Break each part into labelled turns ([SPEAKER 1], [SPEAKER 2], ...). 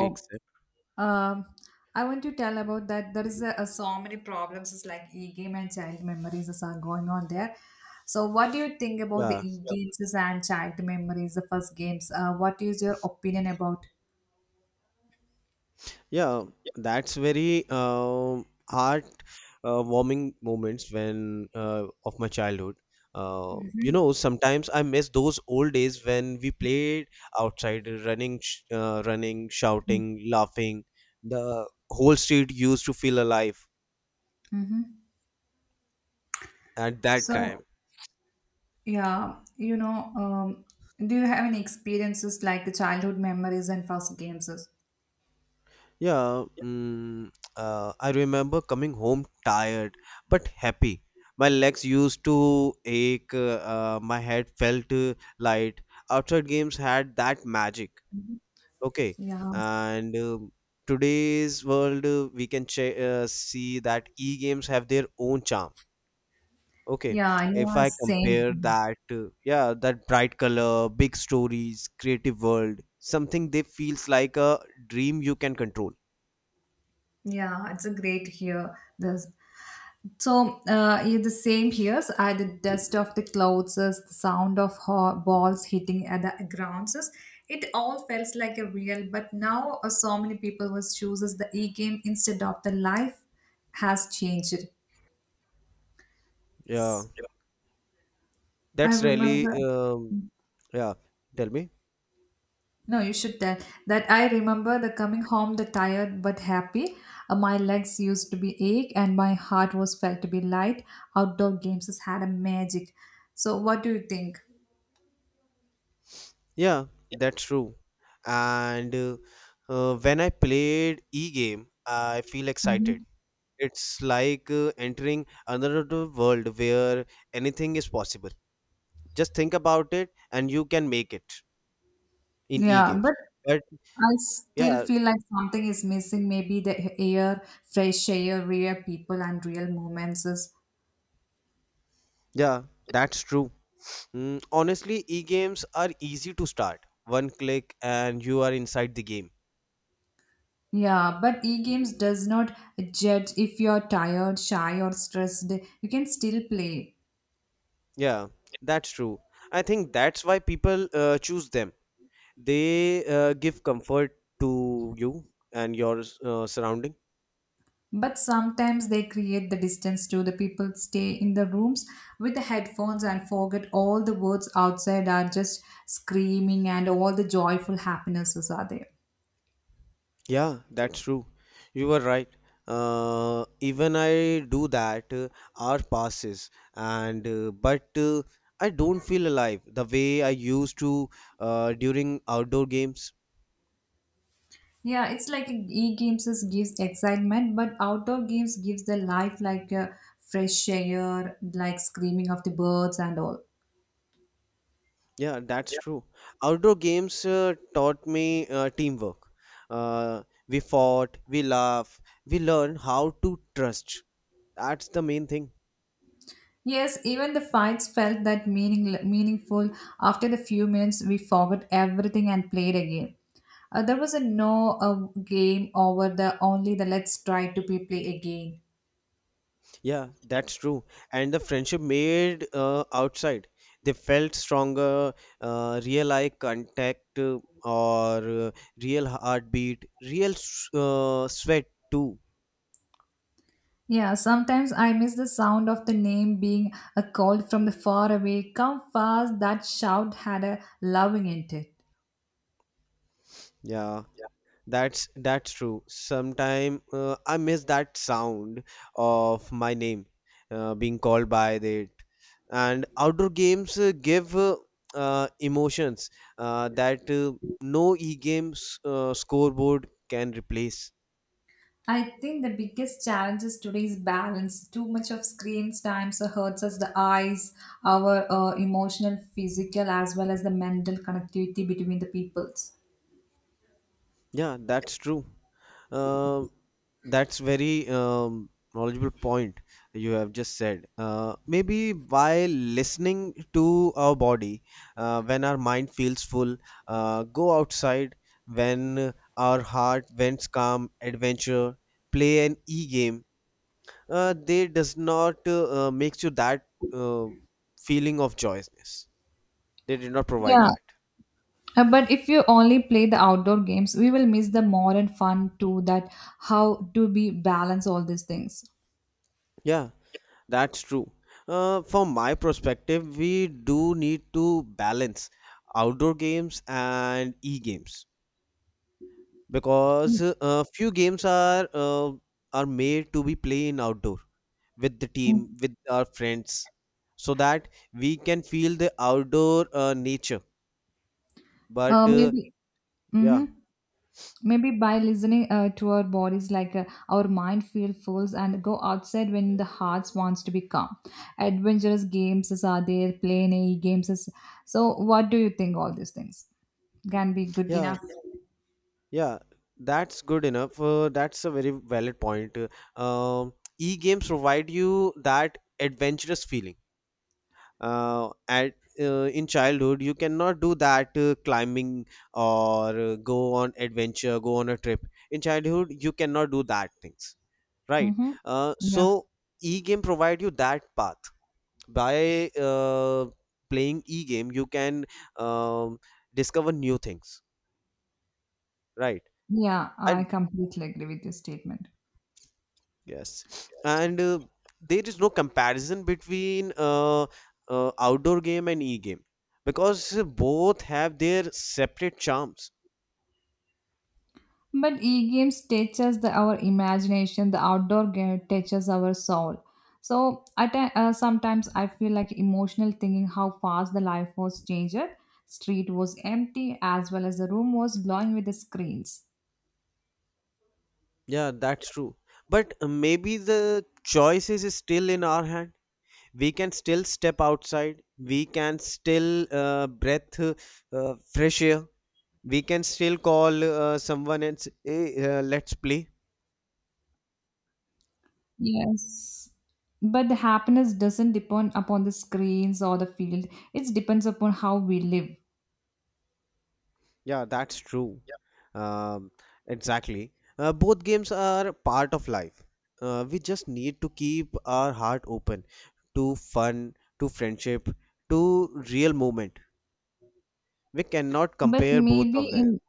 [SPEAKER 1] Oh,
[SPEAKER 2] Except,
[SPEAKER 1] um, I want to tell about that. There is a so many problems. It's like e-game and child memories is are going on there. So, what do you think about the
[SPEAKER 2] yeah,
[SPEAKER 1] yeah, e-games and child memories, the first games? What is your opinion about?
[SPEAKER 2] yeah, that's very heart warming moments when of my childhood.
[SPEAKER 1] Mhm.
[SPEAKER 2] Sometimes I miss those old days when we played outside, running, shouting, laughing. The whole street used to feel alive
[SPEAKER 1] Mm-hmm.
[SPEAKER 2] at that time.
[SPEAKER 1] So, yeah, do you have any experiences like the childhood memories and first games?
[SPEAKER 2] Yeah, I remember coming home tired but happy. My legs used to ache, my head felt light. Outside games had that magic.
[SPEAKER 1] Mhm.
[SPEAKER 2] Okay,
[SPEAKER 1] Yeah,
[SPEAKER 2] and today's world, we can see that e-games have their own charm. Okay,
[SPEAKER 1] yeah,
[SPEAKER 2] if
[SPEAKER 1] yeah,
[SPEAKER 2] I
[SPEAKER 1] same.
[SPEAKER 2] compare that, yeah, that bright color, big stories, creative world, something they feels like a dream you can control.
[SPEAKER 1] Yeah, it's a great here. This. So yeah, the same here. So, the dust of the clothes, the sound of balls hitting at the grounds. It all felt like a real, but now so many people was chooses the e-game instead of the life has changed.
[SPEAKER 2] Yeah.
[SPEAKER 1] I
[SPEAKER 2] That's really,
[SPEAKER 1] remember.
[SPEAKER 2] yeah, tell me.
[SPEAKER 1] No, you should tell that I remember the coming home, the tired but happy. My legs used to be ache and my heart was felt to be light. Outdoor games has had a magic. So what do you think?
[SPEAKER 2] Yeah, that's true. And when I played e-game, I feel excited.
[SPEAKER 1] Hmm.
[SPEAKER 2] It's like entering another world where anything is possible. Just think about it and you can make it in
[SPEAKER 1] Yeah,
[SPEAKER 2] e-games.
[SPEAKER 1] but
[SPEAKER 2] But
[SPEAKER 1] I still
[SPEAKER 2] yeah,
[SPEAKER 1] feel like something is missing. Maybe the air, fresh air, rare people, and real moments is.
[SPEAKER 2] yeah, that's true. Honestly, e-games are easy to start. One click and you are inside the game.
[SPEAKER 1] Yeah, but e-games does not judge if you're tired, shy, or stressed. You can still play.
[SPEAKER 2] Yeah, that's true. I think that's why people choose them. They give comfort to you and your surrounding.
[SPEAKER 1] But sometimes they create the distance too. The people stay in the rooms with the headphones and forget all the words outside are just screaming and all the joyful happinesses are there.
[SPEAKER 2] Yeah, that's true. You were right. Even I do that. Hour passes, and but I don't feel alive the way I used to during outdoor games.
[SPEAKER 1] Yeah, it's like gives excitement, but outdoor games gives the life like a fresh air, like screaming of the birds and all.
[SPEAKER 2] Yeah, that's true. Outdoor games taught me teamwork. Uh, we fought, we laugh, we learn how to trust. That's the main thing.
[SPEAKER 1] Yes, even the fights felt that meaningful. After the few minutes, we forgot everything and played again. There was a no game over the only the let's try to be play again.
[SPEAKER 2] Yeah, that's true. And the friendship made outside. They felt stronger, real eye contact, or real heartbeat, real sweat too.
[SPEAKER 1] Yeah, sometimes I miss the sound of the name being a called from the far away. Come fast! That shout had a loving in it.
[SPEAKER 2] Yeah, that's true. Sometime I miss that sound of my name being called by it. And outdoor games give emotions that no e-games scoreboard can replace.
[SPEAKER 1] I think the biggest challenge is today's balance. Too much of screen time so hurts us the eyes, our emotional, physical, as well as the mental connectivity between the peoples.
[SPEAKER 2] Yeah, that's true. Uh, that's very knowledgeable point you have just said. Maybe by listening to our body, when our mind feels full, go outside when our heart wants calm, adventure, play an e-game. They does not makes you that feeling of joyousness. They did not provide
[SPEAKER 1] Yeah,
[SPEAKER 2] that.
[SPEAKER 1] But if you only play the outdoor games, we will miss the more and fun too. That how to be balance all these things.
[SPEAKER 2] Yeah, that's true. From my perspective, we do need to balance outdoor games and e-games because
[SPEAKER 1] Mm,
[SPEAKER 2] few games are made to be played in outdoor with the
[SPEAKER 1] mm.
[SPEAKER 2] team, with our friends, so that we can feel the outdoor nature. But
[SPEAKER 1] Maybe. Mm-hmm.
[SPEAKER 2] yeah,
[SPEAKER 1] Maybe by listening to our bodies like our mind feel full and go outside when the heart wants to be calm adventurous games is are there playing a E games is so what do you think all these things can be good
[SPEAKER 2] yeah,
[SPEAKER 1] enough.
[SPEAKER 2] yeah, that's good enough. That's a very valid point. E-games provide you that adventurous feeling at in childhood you cannot do that climbing or go on adventure, go on a trip in childhood you cannot do that things, right?
[SPEAKER 1] Mm-hmm. Yeah,
[SPEAKER 2] So e-game provide you that path by playing e-game you can um, discover new things, right?
[SPEAKER 1] yeah, I
[SPEAKER 2] And
[SPEAKER 1] completely agree with your statement.
[SPEAKER 2] yes, and there is no comparison between outdoor game and e-game because both have their separate charms.
[SPEAKER 1] But e-games teaches our imagination. The outdoor game teaches our soul. So sometimes I feel like emotional thinking how fast the life was changed. Street was empty as well as the room was glowing with the screens.
[SPEAKER 2] Yeah, that's true. But maybe the choice is still in our hand. We can still step outside. We can still breath fresh air. We can still call someone and say, hey, let's play.
[SPEAKER 1] Yes. But the happiness doesn't depend upon the screens or the field. It depends upon how we live.
[SPEAKER 2] Yeah, that's true. Um, exactly. Both games are part of life. We just need to keep our heart open to fun, to friendship, to real moment. We cannot
[SPEAKER 1] But
[SPEAKER 2] compare both
[SPEAKER 1] maybe
[SPEAKER 2] of them.
[SPEAKER 1] in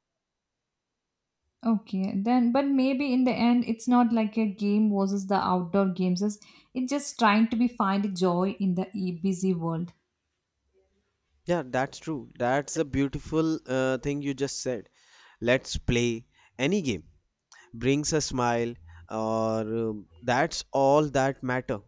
[SPEAKER 1] okay, then, but maybe in the end, it's not like a game versus the outdoor games. It's just trying to be find joy in the e- busy world.
[SPEAKER 2] Yeah, that's true. That's a beautiful thing you just said. Let's play any game brings a smile, or that's all that matter.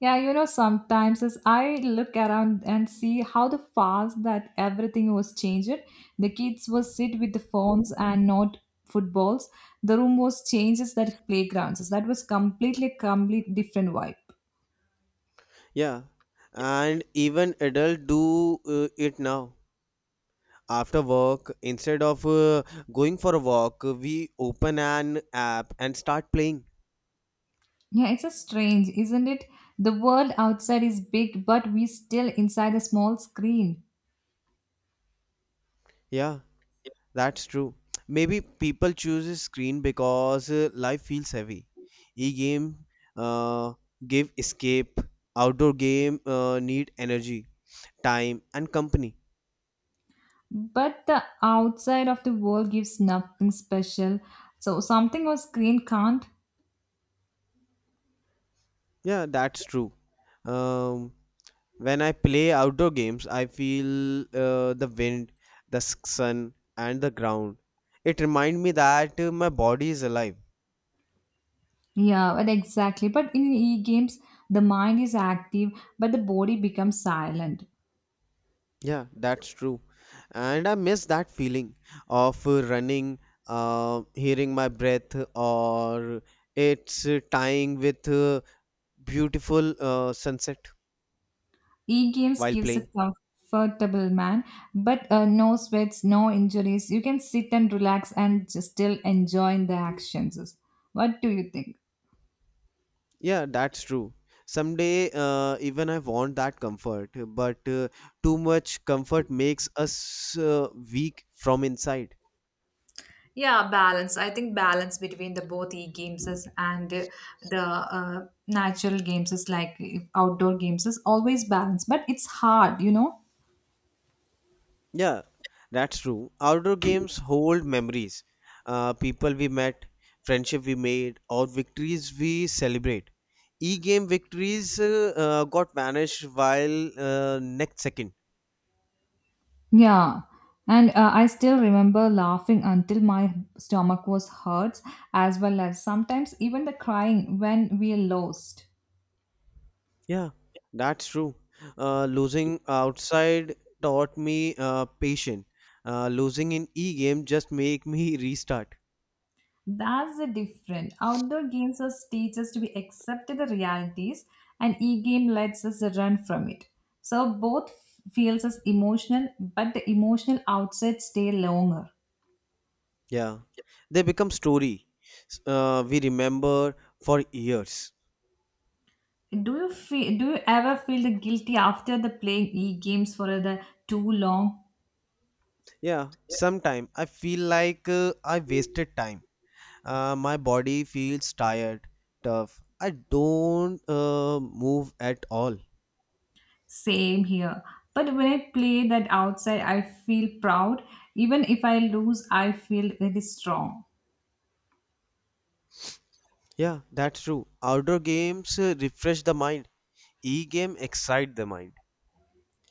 [SPEAKER 1] Yeah, you know, sometimes as I look around and see how the fast that everything was changed, the kids was sit with the phones and not footballs. The room was changes that playgrounds. That was complete different vibe.
[SPEAKER 2] Yeah, and even adult do it now. After work, instead of going for a walk, we open an app and start playing.
[SPEAKER 1] Yeah, it's a strange, isn't it? The world outside is big, but we still inside a small screen.
[SPEAKER 2] Yeah, that's true. Maybe people choose a screen because life feels heavy. E-game uh, give escape. Outdoor game need energy, time, and company.
[SPEAKER 1] But the outside of the world gives nothing special so something on screen can't.
[SPEAKER 2] Yeah, that's true. Um, when I play outdoor games, I feel the wind, the sun, and the ground. It reminds me that my body is alive.
[SPEAKER 1] Yeah, but exactly but in e-games the mind is active but the body becomes silent.
[SPEAKER 2] Yeah, that's true. And I miss that feeling of running, hearing my breath, or it's tying with beautiful sunset
[SPEAKER 1] E-games
[SPEAKER 2] while
[SPEAKER 1] gives a
[SPEAKER 2] playing.
[SPEAKER 1] comfortable man but no sweats no injuries you can sit and relax and just still enjoying the actions. What do you think?
[SPEAKER 2] Yeah, that's true. Someday, even I want that comfort, but too much comfort makes us weak from inside.
[SPEAKER 1] Yeah, balance. I think balance between the both and the natural games is like outdoor games is always balance, but it's hard, you know.
[SPEAKER 2] Yeah, that's true. Outdoor games hold memories. People we met, friendship we made, or victories we celebrate. E-game victories got vanished while next second.
[SPEAKER 1] Yeah. And I still remember laughing until my stomach was hurt, as well as sometimes even the crying when we lost.
[SPEAKER 2] Yeah, that's true. Losing outside taught me patience. Losing in e-game just make me restart.
[SPEAKER 1] That's the difference. Outdoor games us teach us to be accept the realities, and e-game lets us run from it. So both feels us emotional, but the emotional outside stay longer.
[SPEAKER 2] Yeah, they become story. We remember for years.
[SPEAKER 1] Do you feel? Do you ever feel the guilty after the playing e-games for the too long?
[SPEAKER 2] Yeah, sometime I feel like I wasted time. My body feels tired, tough. I don't move at all.
[SPEAKER 1] Same here. But when I play that outside, I feel proud. Even if I lose, I feel very strong.
[SPEAKER 2] Yeah, that's true. Outdoor games refresh the mind. E-game excite the mind.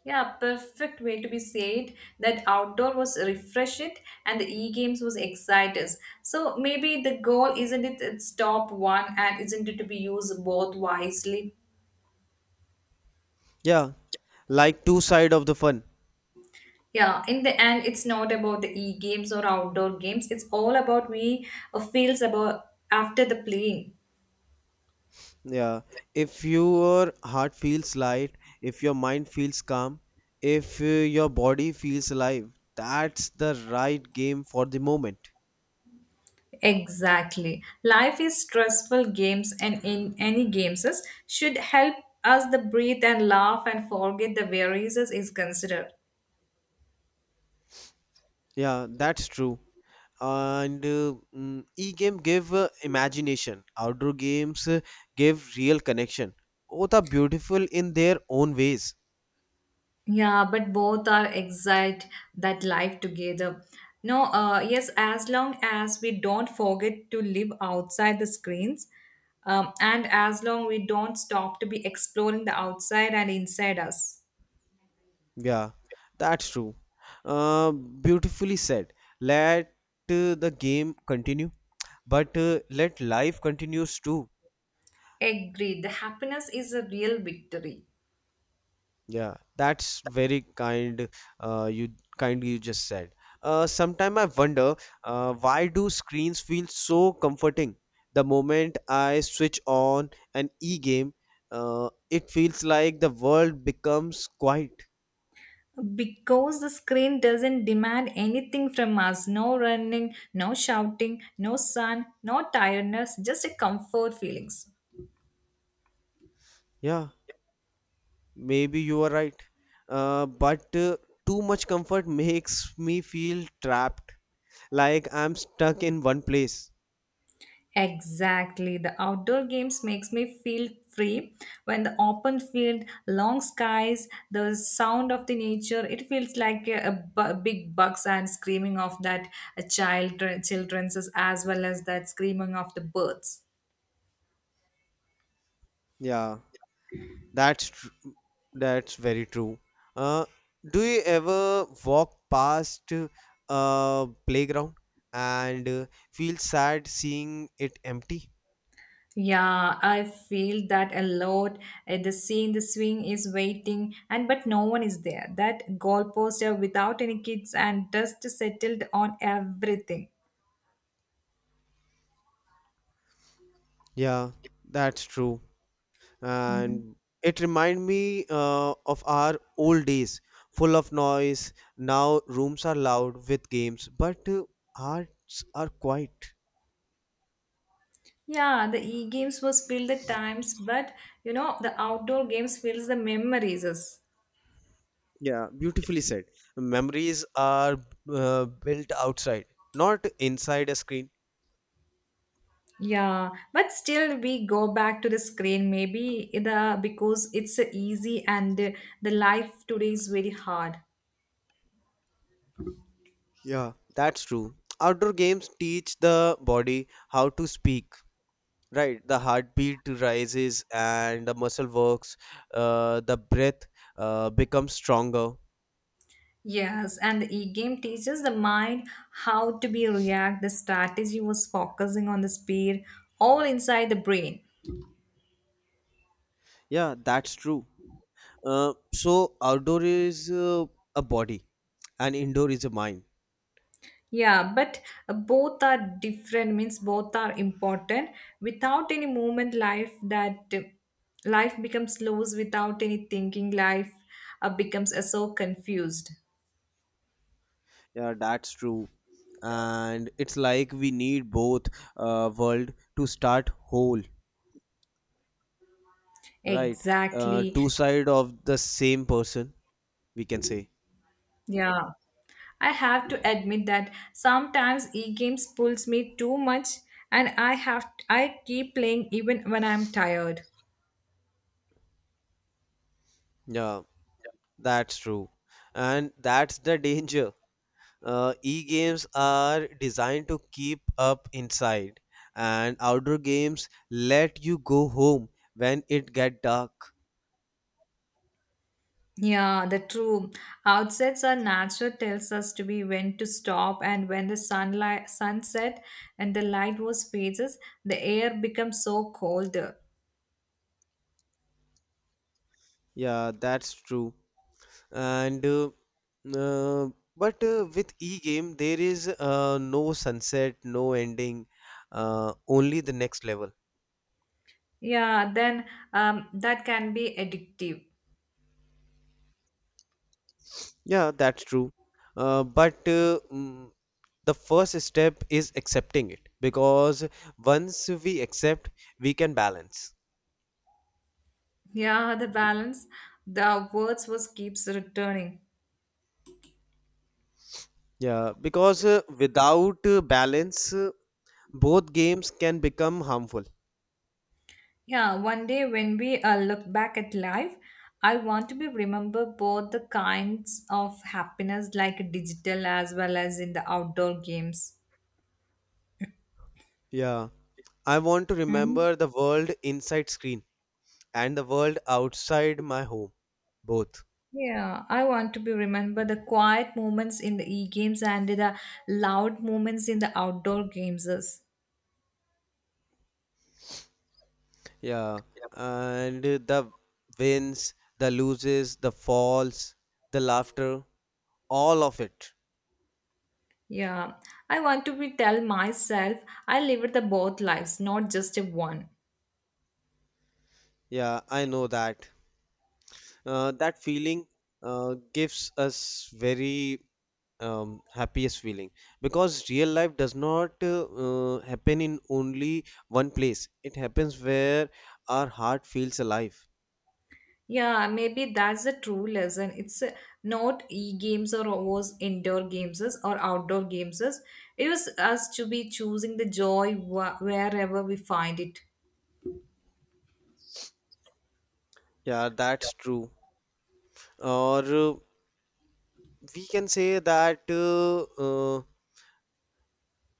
[SPEAKER 1] Yeah, perfect way to be said that outdoor was refresh it and the e-games was excite us. So maybe the goal isn't it it's top one and isn't it to be used both wisely.
[SPEAKER 2] Yeah, like two side of the fun.
[SPEAKER 1] Yeah, in the end, it's not about the e-games or outdoor games. It's all about we feels about after the playing.
[SPEAKER 2] Yeah, if your heart feels light, if your mind feels calm, if your body feels alive, that's the right game for the moment.
[SPEAKER 1] Exactly. Life is stressful games and in any should help us the breathe and laugh and forget the worries is considered.
[SPEAKER 2] Yeah, that's true. E-game give imagination, outdoor games give real connection, both are beautiful in their own ways.
[SPEAKER 1] Yeah, but both are exiled that life together. No, yes, as long as we don't forget to live outside the screens, and as long we don't stop to be exploring the outside and inside us.
[SPEAKER 2] Yeah, that's true. Beautifully said. Let the game continue, but let life continues too.
[SPEAKER 1] Agreed. The happiness is a real victory.
[SPEAKER 2] Yeah, that's very kind. You kind you just said. Sometime I wonder why do screens feel so comforting? The moment I switch on an e-game, it feels like the world becomes quiet.
[SPEAKER 1] Because the screen doesn't demand anything from us no running, no shouting, no sun, no tiredness, just a comfort feelings.
[SPEAKER 2] Yeah, maybe you are right. But too much comfort makes me feel trapped, like I'm stuck in one place.
[SPEAKER 1] Exactly. The outdoor games makes me feel free when the open field, long skies, the sound of the nature, it feels like a big bugs and screaming of that child children's as well as that screaming of the birds.
[SPEAKER 2] Yeah. That's tr- that's very true. Uh, do you ever walk past a playground and feel sad seeing it empty?
[SPEAKER 1] Yeah, I feel that a lot. The scene, the swing is waiting, and but no one is there. That goalpost are without any kids and dust settled on everything.
[SPEAKER 2] Yeah, that's true.
[SPEAKER 1] Mm-hmm.
[SPEAKER 2] And it remind me of our old days, full of noise. Now rooms are loud with games, but hearts are quiet.
[SPEAKER 1] Yeah, the e-games was filled the times, but you know, the outdoor games fills the memories us.
[SPEAKER 2] Yeah, beautifully said. Memories are built outside, not inside a screen.
[SPEAKER 1] Yeah, but still we go back to the screen maybe the because it's easy and the life today is very hard.
[SPEAKER 2] Yeah, that's true. Outdoor games teach the body how to speak, right? The heartbeat rises and the muscle works, the breath becomes stronger.
[SPEAKER 1] Yes, and the e-game teaches the mind how to be react. The strategy was focusing on the speed all inside the brain.
[SPEAKER 2] Yeah, that's true. So, outdoor is a body and indoor is a mind.
[SPEAKER 1] Yeah, but both are different, means both are important. Without any movement, life that life becomes loose without any thinking, life becomes so confused.
[SPEAKER 2] Yeah, that's true. And it's like we need both world to start whole, right?
[SPEAKER 1] Exactly.
[SPEAKER 2] Two side of the same person, we can say.
[SPEAKER 1] Yeah. I have to admit that sometimes e-games pulls me too much and I keep playing even when I'm tired.
[SPEAKER 2] Yeah. That's true. And that's the danger. E-games are designed to keep up inside, and outdoor games let you go home when it get dark.
[SPEAKER 1] Yeah, the true outsets are nature tells us to be when to stop and when the sunlight sunset and the light was phases, the air becomes so cold.
[SPEAKER 2] Yeah, that's true. And uh, but with e-game there is no sunset, no ending, only the next level.
[SPEAKER 1] Yeah, then that can be addictive.
[SPEAKER 2] Yeah, that's true. Uh, but uh, mm, the first step is accepting it because once we accept we can balance.
[SPEAKER 1] Yeah, the balance, the words was keeps returning.
[SPEAKER 2] Yeah, because without balance both games can become harmful.
[SPEAKER 1] Yeah, one day when we look back at life, I want to be remember both the kinds of happiness like digital as well as in the outdoor games.
[SPEAKER 2] Yeah, I want to
[SPEAKER 1] Hmm.
[SPEAKER 2] remember the world inside screen and the world outside my home, both.
[SPEAKER 1] Yeah, I want to be remember the quiet moments in the e-games and the loud moments in the outdoor games.
[SPEAKER 2] Yeah, and the wins, the loses, the falls, the laughter, all of it.
[SPEAKER 1] Yeah, I want to be tell myself I lived the both lives, not just a one.
[SPEAKER 2] Yeah, I know that that feeling gives us very happiest feeling because real life does not happen in only one place, it happens where our heart feels alive.
[SPEAKER 1] Yeah, maybe that's the true lesson. It's not e-games or was indoor games or outdoor games. It was us to be choosing the joy wherever we find it.
[SPEAKER 2] Yeah, that's true. Or we can say that uh,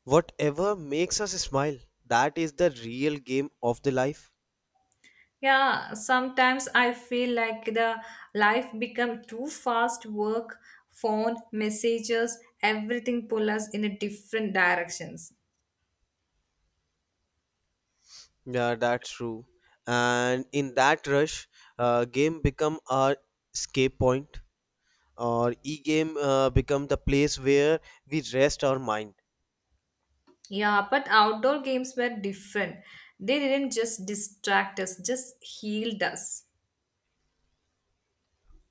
[SPEAKER 2] whatever makes us smile, that is the real game of the life.
[SPEAKER 1] Yeah, sometimes I feel like the life become too fast work, phone, messages, everything pull us in a different directions.
[SPEAKER 2] Yeah, that's true. And in that rush, game become our escape point, or e-game become the place where we rest our mind.
[SPEAKER 1] Yeah, but outdoor games were different. They didn't just distract us, just healed us.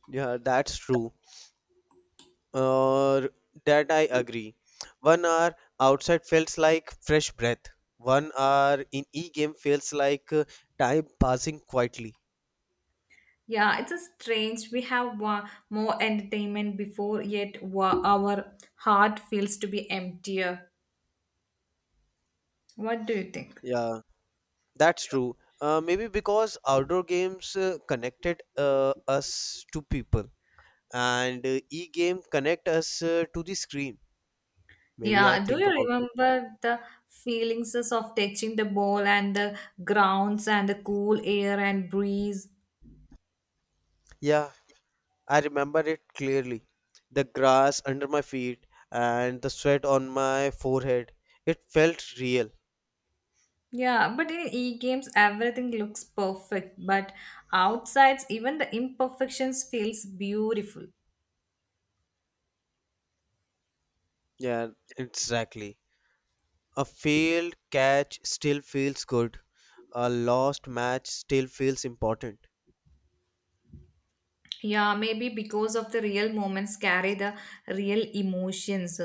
[SPEAKER 2] Yeah, that's true. Or that I agree. 1 hour outside feels like fresh breath. 1 hour in e-game feels like time passing quietly.
[SPEAKER 1] Yeah, it's a strange. We have more entertainment before, yet our heart feels to be emptier. What do you think?
[SPEAKER 2] Yeah, that's true. Maybe because outdoor games connected us to people, and e-game connect us to the screen, maybe. I
[SPEAKER 1] Yeah, do
[SPEAKER 2] think
[SPEAKER 1] you
[SPEAKER 2] about it.
[SPEAKER 1] remember the feelings of touching the ball and the grounds and the cool air and breeze?
[SPEAKER 2] Yeah, I remember it clearly. The grass under my feet and the sweat on my forehead. It felt real.
[SPEAKER 1] Yeah, but in e-games everything looks perfect, but outsides even the imperfections feels beautiful.
[SPEAKER 2] Yeah, exactly. A failed catch still feels good. A lost match still feels important.
[SPEAKER 1] Yeah, maybe because of the real moments carry the real emotions.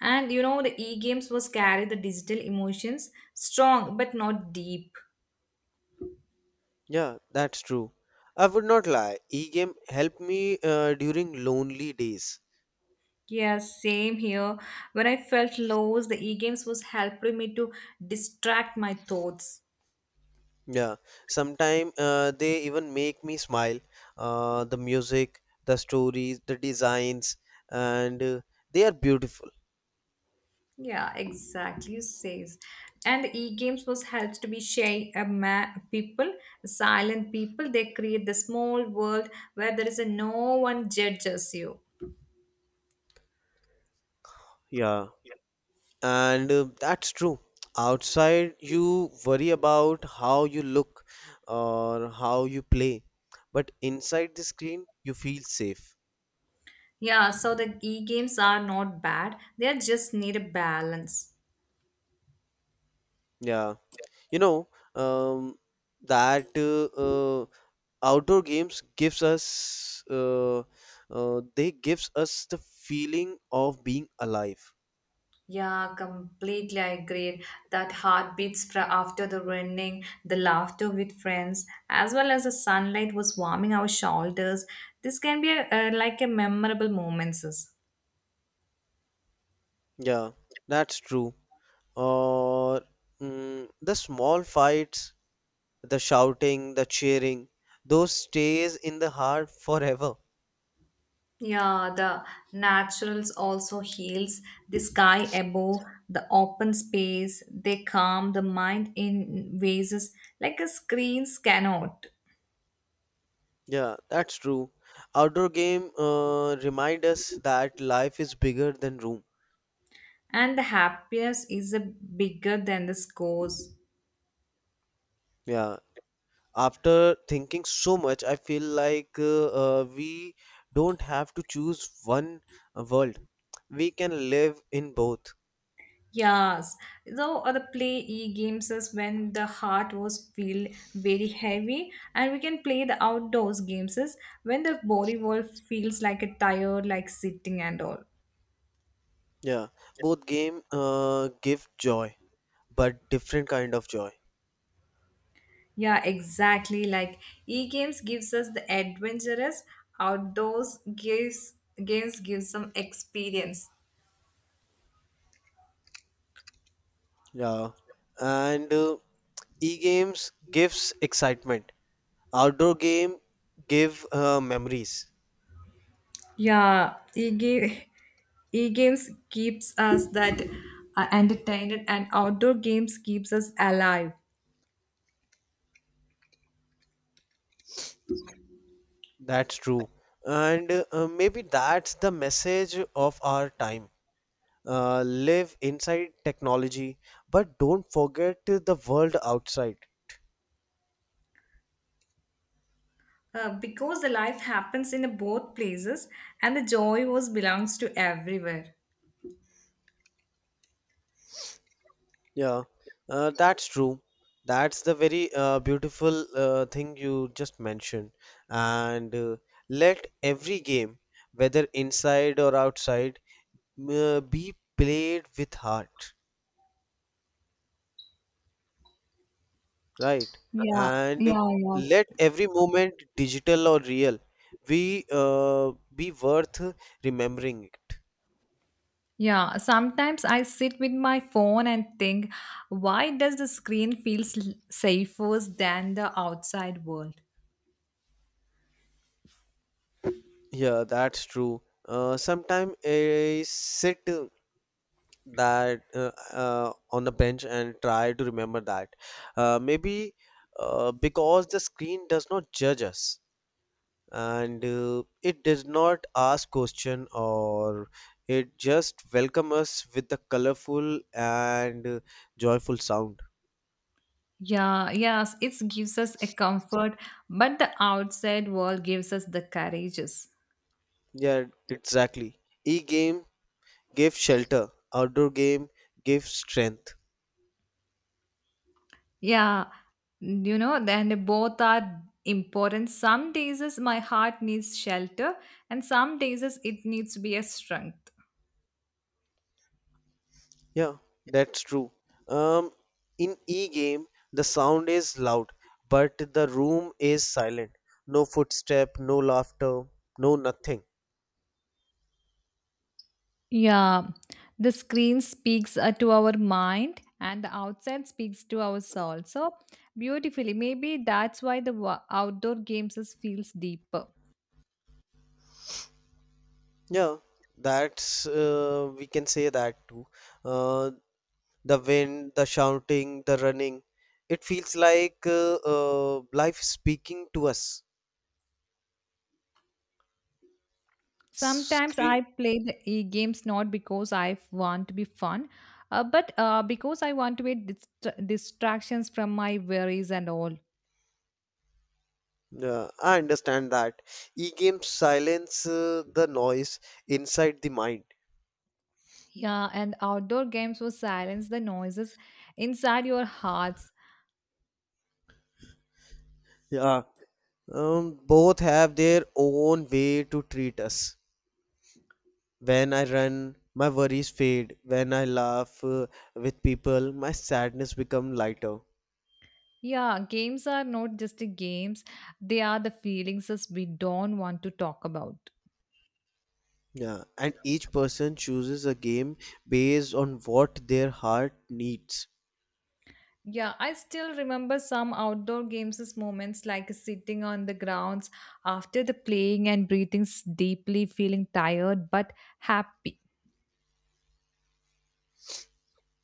[SPEAKER 1] And you know the e-games was carry the digital emotions strong but not deep.
[SPEAKER 2] Yeah, that's true. I would not lie. E-game helped me during lonely days.
[SPEAKER 1] Yeah, same here. When I felt lows, the e-games was helping me to distract my thoughts.
[SPEAKER 2] Yeah, sometimes they even make me smile. The music, the stories, the designs, and they are beautiful.
[SPEAKER 1] Yeah, exactly. You says, and the e-games was helps to be shy people, silent people. They create the small world where there is a no one judges you.
[SPEAKER 2] Yeah, and that's true. Outside, you worry about how you look or how you play, but inside the screen, you feel safe.
[SPEAKER 1] Yeah, so the e-games are not bad. They are just need a balance.
[SPEAKER 2] Yeah, you know, um, that outdoor games gives us they gives us the feeling of being alive.
[SPEAKER 1] Yeah, completely I agree. That heartbeats after the running, the laughter with friends, as well as the sunlight was warming our shoulders. This can be a, like a memorable moments.
[SPEAKER 2] Yeah, that's true. Or the small fights, the shouting, the cheering, those stays in the heart forever.
[SPEAKER 1] Yeah, the naturals also heals the sky above, the open space. They calm the mind in ways like a screens cannot.
[SPEAKER 2] Yeah, that's true. Outdoor game remind us that life is bigger than room.
[SPEAKER 1] And the happiness is a bigger than the scores.
[SPEAKER 2] Yeah. After thinking so much, I feel like we don't have to choose one world. We can live in both.
[SPEAKER 1] Yes, though other play e-games is when the heart was feel very heavy and we can play the outdoors games is when the body wall feels like a tired like sitting and all.
[SPEAKER 2] Yeah. Both game give joy, but different kind of joy.
[SPEAKER 1] Yeah, exactly like e-games gives us the adventurous outdoors gives games gives some experience.
[SPEAKER 2] Yeah. And e-games gives excitement, outdoor game give memories.
[SPEAKER 1] Yeah, e-games keeps us that entertained and outdoor games keeps us alive.
[SPEAKER 2] That's true, and maybe that's the message of our time. Live inside technology, but don't forget the world outside.
[SPEAKER 1] Because the life happens in both places and the joy was belongs to everywhere.
[SPEAKER 2] Yeah, that's true. That's the very beautiful thing you just mentioned. And let every game, whether inside or outside, be played with heart. Right.
[SPEAKER 1] Yeah,
[SPEAKER 2] And
[SPEAKER 1] yeah, yeah.
[SPEAKER 2] let every moment, digital or real, we be worth remembering it.
[SPEAKER 1] Yeah, sometimes I sit with my phone and think, why does the screen feels safer than the outside world?
[SPEAKER 2] Yeah, that's true. Sometime I sit that on the bench and try to remember that. Maybe because the screen does not judge us, and it does not ask question, or it just welcome us with the colorful and joyful sound.
[SPEAKER 1] Yeah, yes, it gives us a comfort, but the outside world gives us the courages.
[SPEAKER 2] Yeah, exactly. E-game gave shelter, outdoor game gave strength.
[SPEAKER 1] Yeah, you know, then both are important. Some days is my heart needs shelter, and some days is it needs to be a strength.
[SPEAKER 2] Yeah, that's true. Um, in e-game, the sound is loud, but the room is silent. No footstep, no laughter, no nothing.
[SPEAKER 1] Yeah, the screen speaks to our mind and the outside speaks to our soul. So beautifully, maybe that's why the outdoor games is feels deeper.
[SPEAKER 2] Yeah, that's we can say that too. Uh, the wind, the shouting, the running. It feels like life speaking to us.
[SPEAKER 1] Sometimes I play the e-games not because I want to be fun, but because I want to be distractions from my worries and all.
[SPEAKER 2] Yeah, I understand that. E-games silence the noise inside the mind.
[SPEAKER 1] Yeah, and outdoor games will silence the noises inside your hearts.
[SPEAKER 2] Yeah. Both have their own way to treat us. When I run, my worries fade. When I laugh with people, my sadness become lighter.
[SPEAKER 1] Yeah, games are not just the games, they are the feelings as we don't want to talk about.
[SPEAKER 2] Yeah, and each person chooses a game based on what their heart needs.
[SPEAKER 1] Yeah, I still remember some outdoor games as moments like sitting on the grounds after the playing and breathing deeply, feeling tired but happy.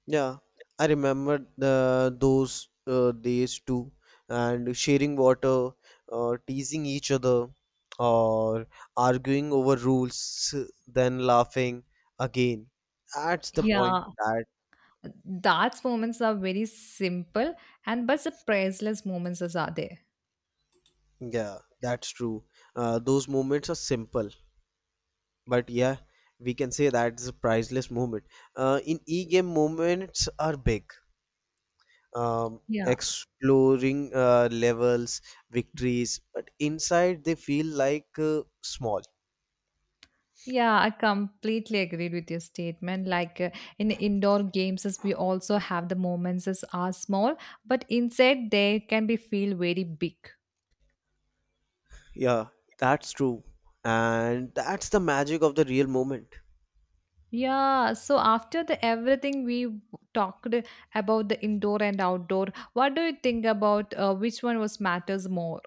[SPEAKER 2] Yeah, I remember the those days too, and sharing water, teasing each other, or arguing over rules, then laughing again. That's the point.
[SPEAKER 1] Yeah,
[SPEAKER 2] That
[SPEAKER 1] that's moments are very simple and but the priceless moments as are there.
[SPEAKER 2] yeah, that's true. Those moments are simple, but yeah, we can say that's a priceless moment. In e-game, moments are big.
[SPEAKER 1] Yeah.
[SPEAKER 2] Exploring levels, victories, but inside they feel like small.
[SPEAKER 1] Yeah, I completely agreed with your statement. Like in indoor games, as we also have the moments as are small, but inside they can be feel very big.
[SPEAKER 2] Yeah, that's true. And that's the magic of the real moment.
[SPEAKER 1] Yeah, so after the everything we talked about the indoor and outdoor, what do you think about which one was matters more?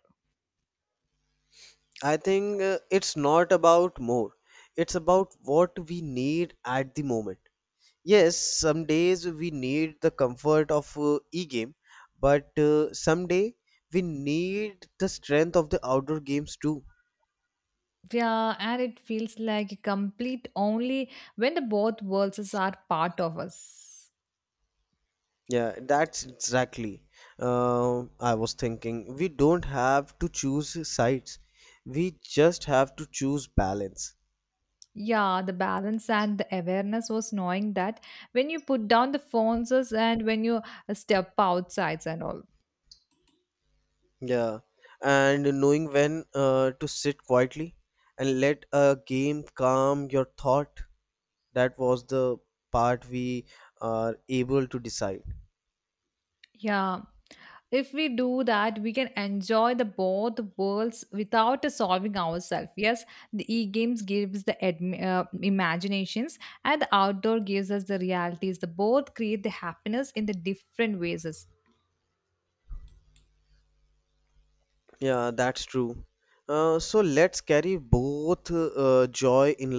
[SPEAKER 2] I think it's not about more, it's about what we need at the moment. Yes, some days we need the comfort of e-game, but someday we need the strength of the outdoor games too.
[SPEAKER 1] Yeah, and it feels like complete only when the both worlds is are part of us.
[SPEAKER 2] Yeah, that's exactly. I was thinking we don't have to choose sides. We just have to choose balance.
[SPEAKER 1] Yeah, the balance and the awareness was knowing that when you put down the phones and when you step outsides and all.
[SPEAKER 2] Yeah, and knowing when to sit quietly and let a game calm your thought. That was the part we are able to decide.
[SPEAKER 1] Yeah, if we do that, we can enjoy the both worlds without solving ourselves. Yes, the e-games gives the imaginations, and the outdoor gives us the realities. The both create the happiness in the different ways.
[SPEAKER 2] Yeah, that's true. So let's carry both joy in